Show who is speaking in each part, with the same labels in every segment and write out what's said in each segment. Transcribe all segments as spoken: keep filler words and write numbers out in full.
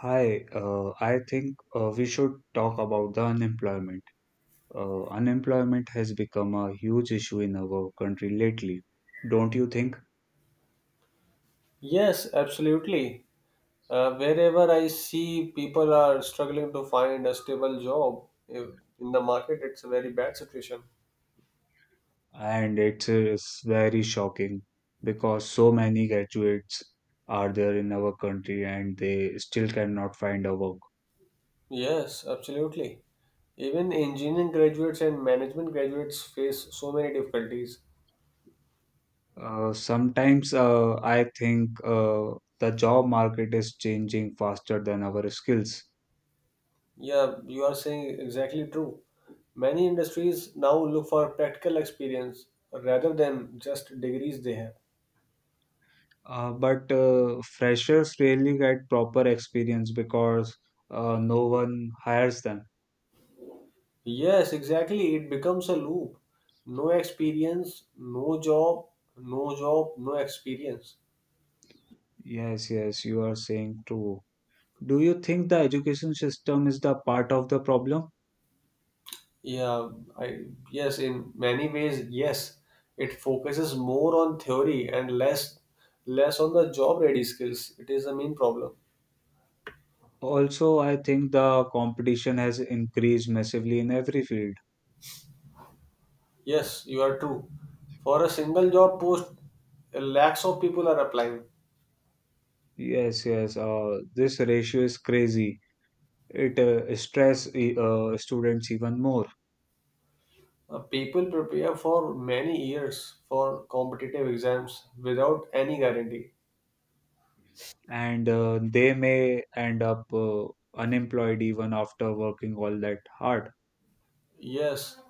Speaker 1: Hi, uh, I think uh, we should talk about the unemployment. Uh, unemployment has become a huge issue in our country lately, don't you think?
Speaker 2: Yes, absolutely. Uh, wherever I see people are struggling to find a stable job if- in the market, it's a very bad situation.
Speaker 1: And it is very shocking because so many graduates are there in our country and they still cannot find a work.
Speaker 2: Yes, absolutely. Even engineering graduates and management graduates face so many difficulties.
Speaker 1: Uh, sometimes uh, I think uh, the job market is changing faster than our skills.
Speaker 2: Yeah, you are saying exactly true. Many industries now look for practical experience rather than just degrees they have.
Speaker 1: Uh, but uh, freshers rarely get proper experience because uh, no one hires them.
Speaker 2: Yes, exactly. It becomes a loop. No experience, no job, no job, no experience.
Speaker 1: Yes, yes, you are saying true. Do you think the education system is the part of the problem?
Speaker 2: Yeah, I Yes, in many ways, yes. It focuses more on theory and less less on the job ready skills. It is the main problem.
Speaker 1: Also, I think the competition has increased massively in every field.
Speaker 2: Yes, you are true. For a single job post, lakhs of people are applying.
Speaker 1: Yes, yes, uh, this ratio is crazy. It uh, stress e- uh, students even more,
Speaker 2: Uh, People prepare for many years for competitive exams without any guarantee.
Speaker 1: and uh, they may end up uh, unemployed even after working all that hard.
Speaker 2: Yes,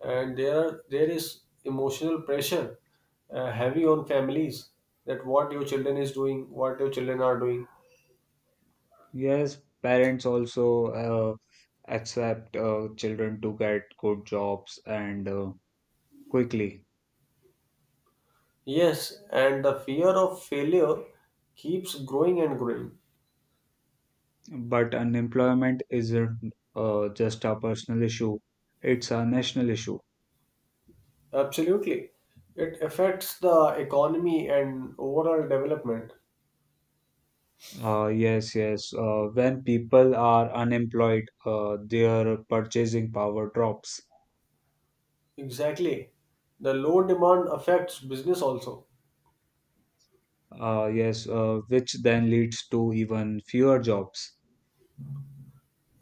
Speaker 2: and there are there is emotional pressure uh, heavy on families that what your children is doing, what your children are doing.
Speaker 1: Yes, parents also uh, accept uh, children to get good jobs and uh, quickly.
Speaker 2: Yes, and the fear of failure keeps growing and growing.
Speaker 1: But unemployment isn't uh, just a personal issue, it's a national issue.
Speaker 2: Absolutely. It affects the economy and overall development.
Speaker 1: Uh, yes, yes. Uh, when people are unemployed, uh, their purchasing power drops.
Speaker 2: Exactly. The low demand affects business also,
Speaker 1: Uh, yes, uh, which then leads to even fewer jobs.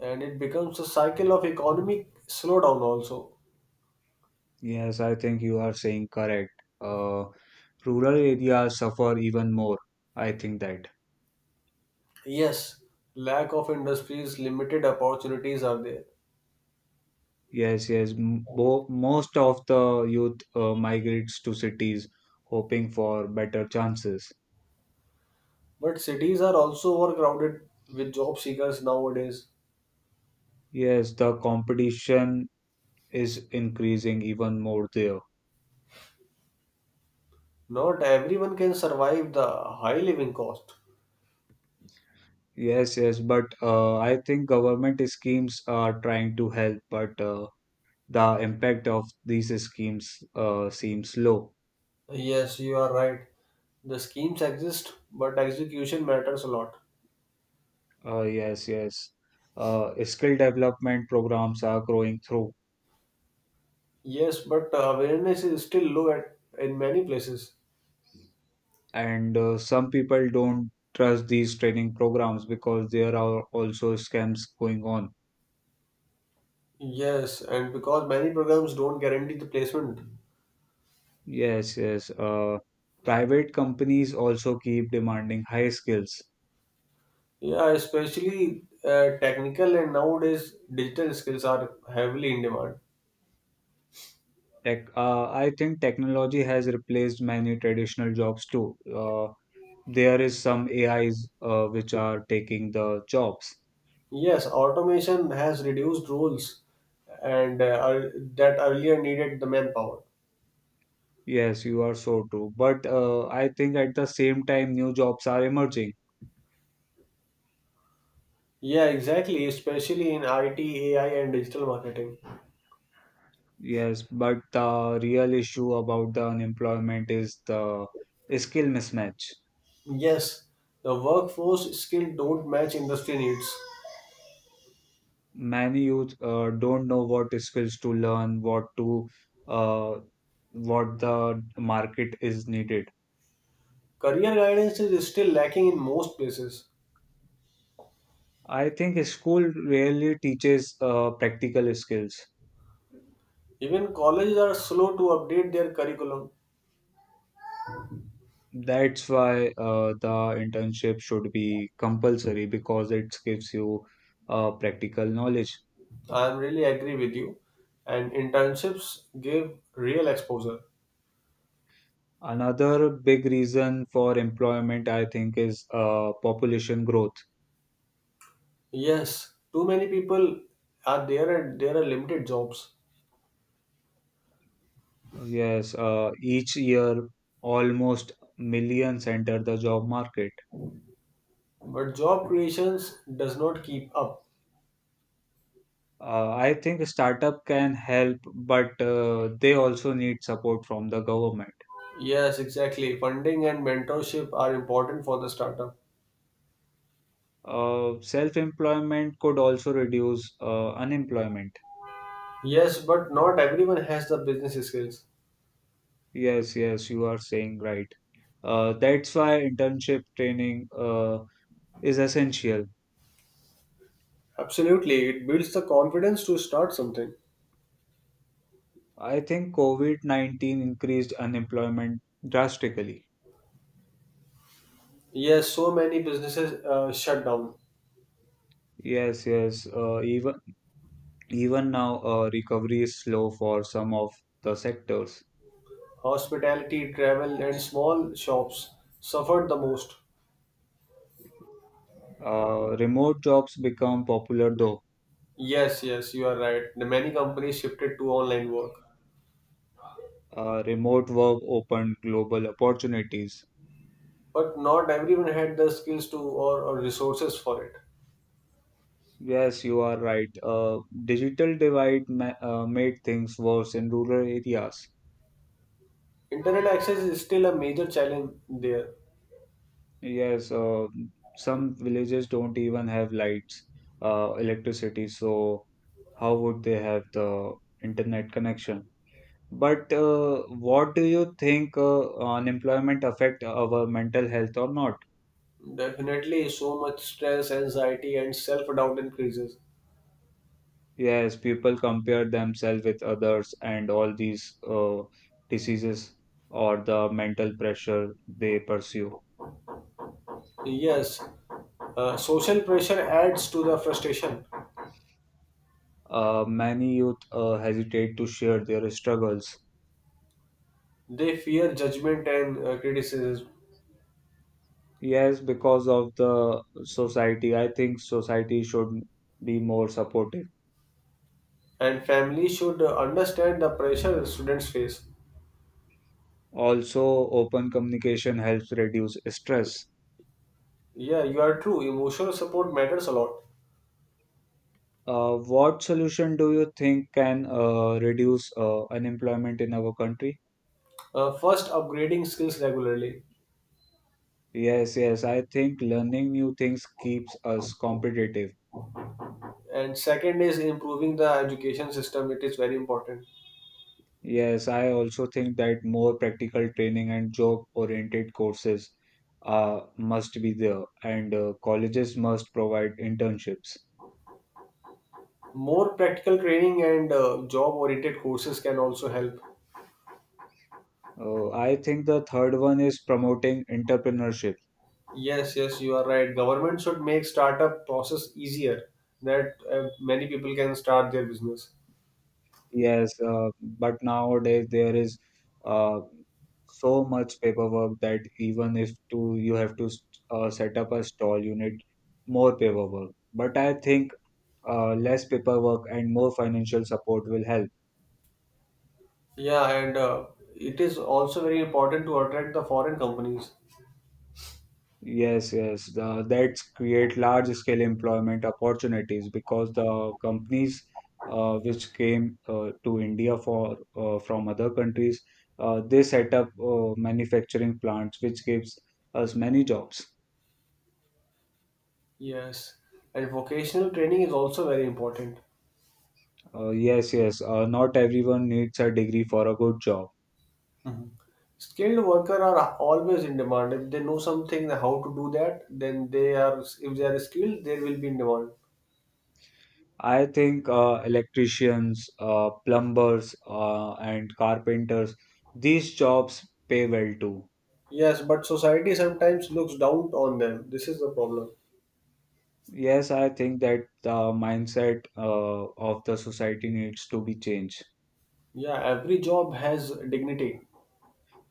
Speaker 2: and it becomes a cycle of economic slowdown also.
Speaker 1: Yes, I think you are saying correct. Uh, Rural areas suffer even more, I think that.
Speaker 2: Yes, lack of industries, limited opportunities are there.
Speaker 1: Yes, yes, m- bo- most of the youth uh, migrates to cities hoping for better chances.
Speaker 2: But cities are also overcrowded with job seekers nowadays.
Speaker 1: Yes, the competition is increasing even more there.
Speaker 2: Not everyone can survive the high living cost.
Speaker 1: Yes, yes, but uh, I think government schemes are trying to help, but uh, the impact of these schemes uh, seems low.
Speaker 2: Yes, you are right. The schemes exist, but execution matters a lot.
Speaker 1: Uh, yes, yes, uh, skill development programs are growing through.
Speaker 2: Yes, but awareness is still low at, in many places.
Speaker 1: And uh, some people don't trust these training programs because there are also scams going on.
Speaker 2: Yes, and because many programs don't guarantee the placement.
Speaker 1: Yes, yes, uh, private companies also keep demanding high skills.
Speaker 2: Yeah, especially uh, technical and nowadays digital skills are heavily in demand.
Speaker 1: Tech, uh, I think technology has replaced many traditional jobs too. Uh, there is some A Is uh, which are taking the jobs.
Speaker 2: Yes, automation has reduced roles and uh, ear- that earlier needed the manpower.
Speaker 1: Yes, you are so true. But uh, I think at the same time, new jobs are emerging.
Speaker 2: Yeah, exactly, especially in I T, A I, and digital marketing.
Speaker 1: Yes, but the real issue about the unemployment is the skill mismatch.
Speaker 2: Yes, the workforce skill don't match industry needs.
Speaker 1: Many youth uh, don't know what skills to learn, what to uh, what the market is needed.
Speaker 2: Career guidance is still lacking in most places.
Speaker 1: I think school really teaches uh, practical skills.
Speaker 2: Even colleges are slow to update their curriculum.
Speaker 1: That's why uh, the internship should be compulsory because it gives you uh, practical knowledge.
Speaker 2: I am really agree with you. And internships give real exposure.
Speaker 1: Another big reason for employment, I think, is uh, population growth.
Speaker 2: Yes, too many people are there and there are limited jobs.
Speaker 1: Yes, uh, each year almost millions enter the job market.
Speaker 2: But job creations does not keep up.
Speaker 1: Uh, I think startup can help, but uh, they also need support from the government.
Speaker 2: Yes, exactly. Funding and mentorship are important for the startup.
Speaker 1: Uh, self-employment could also reduce uh, unemployment.
Speaker 2: Yes, but not everyone has the business skills.
Speaker 1: Yes, yes, you are saying right. Uh, that's why internship training uh, is essential.
Speaker 2: Absolutely, it builds the confidence to start something.
Speaker 1: I think COVID nineteen increased unemployment drastically.
Speaker 2: Yes, so many businesses uh, shut down.
Speaker 1: Yes, yes. Uh, even even now, uh, recovery is slow for some of the sectors.
Speaker 2: Hospitality, travel, and small shops suffered the most.
Speaker 1: Uh, remote jobs become popular though.
Speaker 2: Yes, yes, you are right. The many companies shifted to online work,
Speaker 1: Uh, remote work opened global opportunities.
Speaker 2: but not everyone had the skills to or, or resources for it.
Speaker 1: Yes, you are right. Uh, digital divide ma uh, made things worse in rural areas.
Speaker 2: Internet access is still a major challenge there.
Speaker 1: Yes, uh, some villages don't even have lights, uh, electricity, so. How would they have the internet connection? But uh, what do you think uh, unemployment affect our mental health or not?
Speaker 2: Definitely, so much stress, anxiety, and self doubt increases.
Speaker 1: Yes, people compare themselves with others and all these uh, diseases or the mental pressure they pursue.
Speaker 2: Yes, uh, social pressure adds to the frustration.
Speaker 1: Uh, many youth uh, hesitate to share their struggles.
Speaker 2: They fear judgment and uh, criticism,
Speaker 1: Yes, because of the society, I think society should be more supportive.
Speaker 2: and family should uh, understand the pressure students face.
Speaker 1: Also, open communication helps reduce stress.
Speaker 2: Yeah, you are true. Emotional support matters a lot.
Speaker 1: Uh, what solution do you think can uh, reduce uh, unemployment in our country?
Speaker 2: Uh, first, upgrading skills regularly,
Speaker 1: Yes, yes, I think learning new things keeps us competitive.
Speaker 2: and second is improving the education system. It is very important.
Speaker 1: Yes, I also think that more practical training and job-oriented courses uh, must be there, and uh, colleges must provide internships.
Speaker 2: More practical training and uh, job oriented courses can also help.
Speaker 1: Uh, I think the third one is promoting entrepreneurship.
Speaker 2: Yes, yes, you are right, government should make startup process easier, that uh, many people can start their business.
Speaker 1: Yes, uh, but nowadays there is uh, so much paperwork that even if to you have to s- uh, set up a stall, you need more paperwork. But I think uh, less paperwork and more financial support will help.
Speaker 2: Yeah, and uh, it is also very important to attract the foreign companies.
Speaker 1: Yes, yes, uh, that's create large scale employment opportunities because the companies uh, which came uh, to India for uh, from other countries, uh, they set up uh, manufacturing plants, which gives us many jobs.
Speaker 2: Yes, and vocational training is also very important.
Speaker 1: Uh, yes, yes. Uh, not everyone needs a degree for a good job.
Speaker 2: Mhm. Skilled worker are always in demand. If they know something how to do that, then they are if they are, skilled, they will be in demand.
Speaker 1: I think uh, electricians, uh, plumbers, uh, and carpenters, these jobs pay well too.
Speaker 2: Yes, but society sometimes looks down on them. This is the problem.
Speaker 1: Yes, I think that the mindset uh, of the society needs to be changed.
Speaker 2: Yeah, every job has dignity.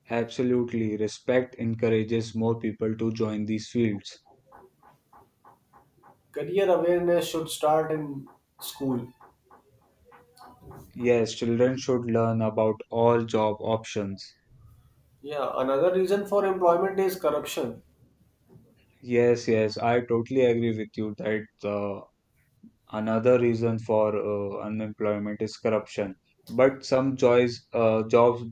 Speaker 1: Absolutely. Respect encourages more people to join these fields.
Speaker 2: Career awareness should start in school.
Speaker 1: Yes, children should learn about all job options.
Speaker 2: Yeah, another reason for employment is corruption.
Speaker 1: Yes, yes, I totally agree with you that uh, another reason for uh, unemployment is corruption, but some choice uh, jobs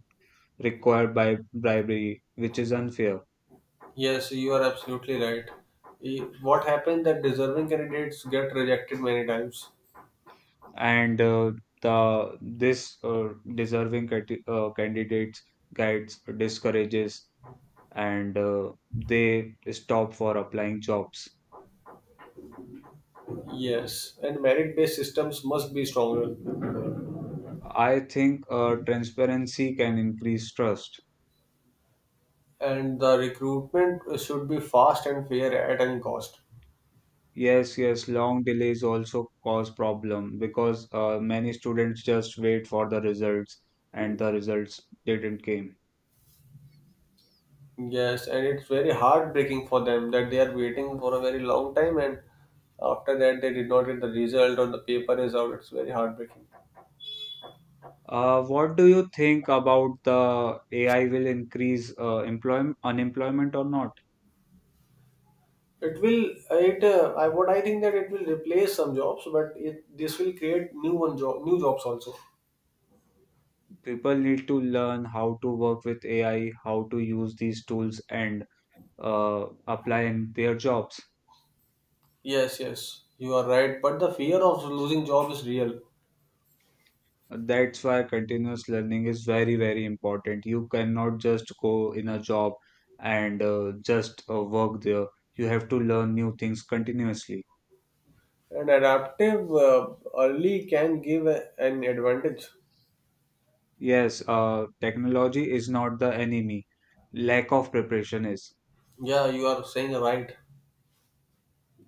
Speaker 1: require by bribery, which is unfair.
Speaker 2: Yes, you are absolutely right. E- What happens that deserving candidates get rejected many times.
Speaker 1: And uh, the this uh, deserving cati- uh, candidates guides discourages, and uh, they stop for applying jobs.
Speaker 2: Yes, and merit-based systems must be stronger.
Speaker 1: I think uh, transparency can increase trust.
Speaker 2: And the recruitment should be fast and fair at any cost.
Speaker 1: Yes, yes, long delays also cause problem because uh, many students just wait for the results, and the results didn't came.
Speaker 2: Yes, and it's very heartbreaking for them that they are waiting for a very long time, and after that they did not get the result or the paper is out. It's very heartbreaking.
Speaker 1: Uh, what do you think about the A I will increase uh, employment unemployment or not?
Speaker 2: It will, it uh, I what I think that it will replace some jobs, but it this will create new one job new jobs also.
Speaker 1: People need to learn how to work with A I, how to use these tools and uh, apply in their jobs.
Speaker 2: Yes, yes, you are right. But the fear of losing job is real,
Speaker 1: That's why continuous learning is very, very important. You cannot just go in a job and uh, just uh, work there. You have to learn new things continuously.
Speaker 2: and adaptive uh, early can give a- an advantage.
Speaker 1: Yes, uh, technology is not the enemy. Lack of preparation is.
Speaker 2: Yeah, you are saying right.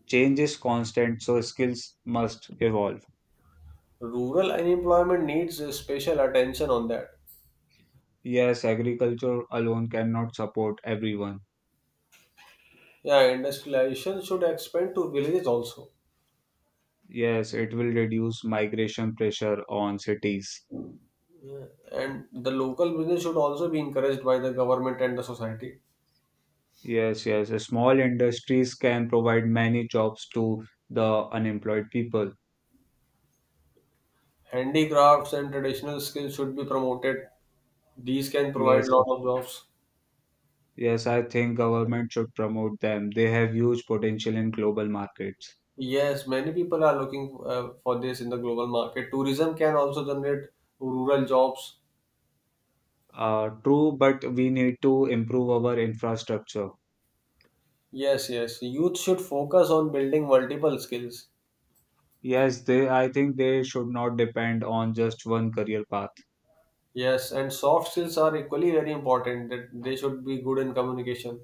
Speaker 1: Change is constant, so skills must evolve.
Speaker 2: Rural unemployment needs uh, special attention on that.
Speaker 1: Yes, agriculture alone cannot support everyone.
Speaker 2: Yeah, industrialization should expand to villages also.
Speaker 1: Yes, it will reduce migration pressure on cities.
Speaker 2: Yeah, and the local business should also be encouraged by the government and the society.
Speaker 1: Yes, yes. Small industries can provide many jobs to the unemployed people.
Speaker 2: Handicrafts and traditional skills should be promoted. These can
Speaker 1: Yes,
Speaker 2: provide lot of jobs.
Speaker 1: yes. I think government should promote them. They have huge potential in global markets.
Speaker 2: Yes, many people are looking uh, for this in the global market. Tourism can also generate rural jobs.
Speaker 1: Uh, true, but we need to improve our infrastructure.
Speaker 2: Yes, yes. Youth should focus on building multiple skills.
Speaker 1: Yes, they, I think they should not depend on just one career path.
Speaker 2: Yes, and soft skills are equally very important, that they should be good in communication.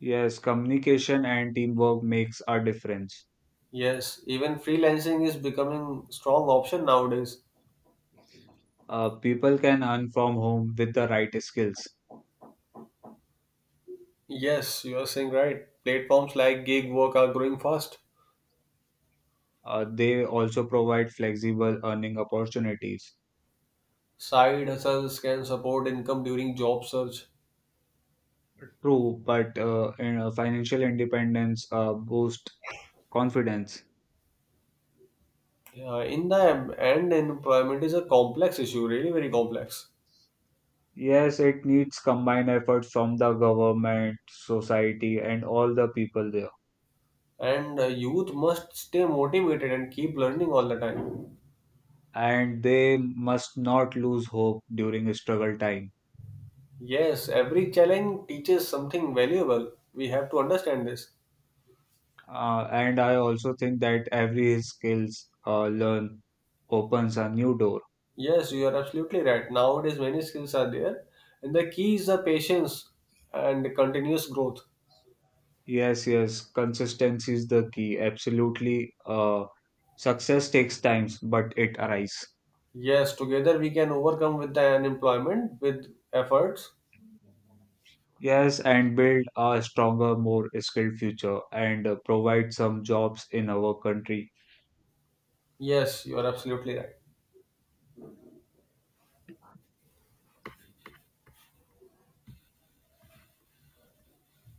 Speaker 1: Yes, communication and teamwork makes a difference.
Speaker 2: Yes, even freelancing is becoming strong option nowadays.
Speaker 1: Uh, people can earn from home with the right skills.
Speaker 2: Yes, you are saying right. Platforms like gig work are growing fast.
Speaker 1: Uh, they also provide flexible earning opportunities.
Speaker 2: Side hustles can support income during job search.
Speaker 1: True, but uh, in- uh, financial independence uh, boosts confidence.
Speaker 2: Yeah, in the em- end, employment is a complex issue, really very complex.
Speaker 1: Yes, it needs combined effort from the government, society, and all the people there.
Speaker 2: And uh, youth must stay motivated and keep learning all the time.
Speaker 1: And they must not lose hope during a struggle time.
Speaker 2: Yes, every challenge teaches something valuable. We have to understand this.
Speaker 1: Uh, and I also think that every skills uh, learn opens a new door.
Speaker 2: Yes, you are absolutely right. Nowadays, many skills are there, and the key is the patience and continuous growth.
Speaker 1: Yes, yes, consistency is the key. Absolutely. Uh, success takes times, but it arrives.
Speaker 2: Yes, together we can overcome with the unemployment with efforts.
Speaker 1: Yes, and build a stronger, more skilled future and uh, provide some jobs in our country
Speaker 2: Yes, you are absolutely right.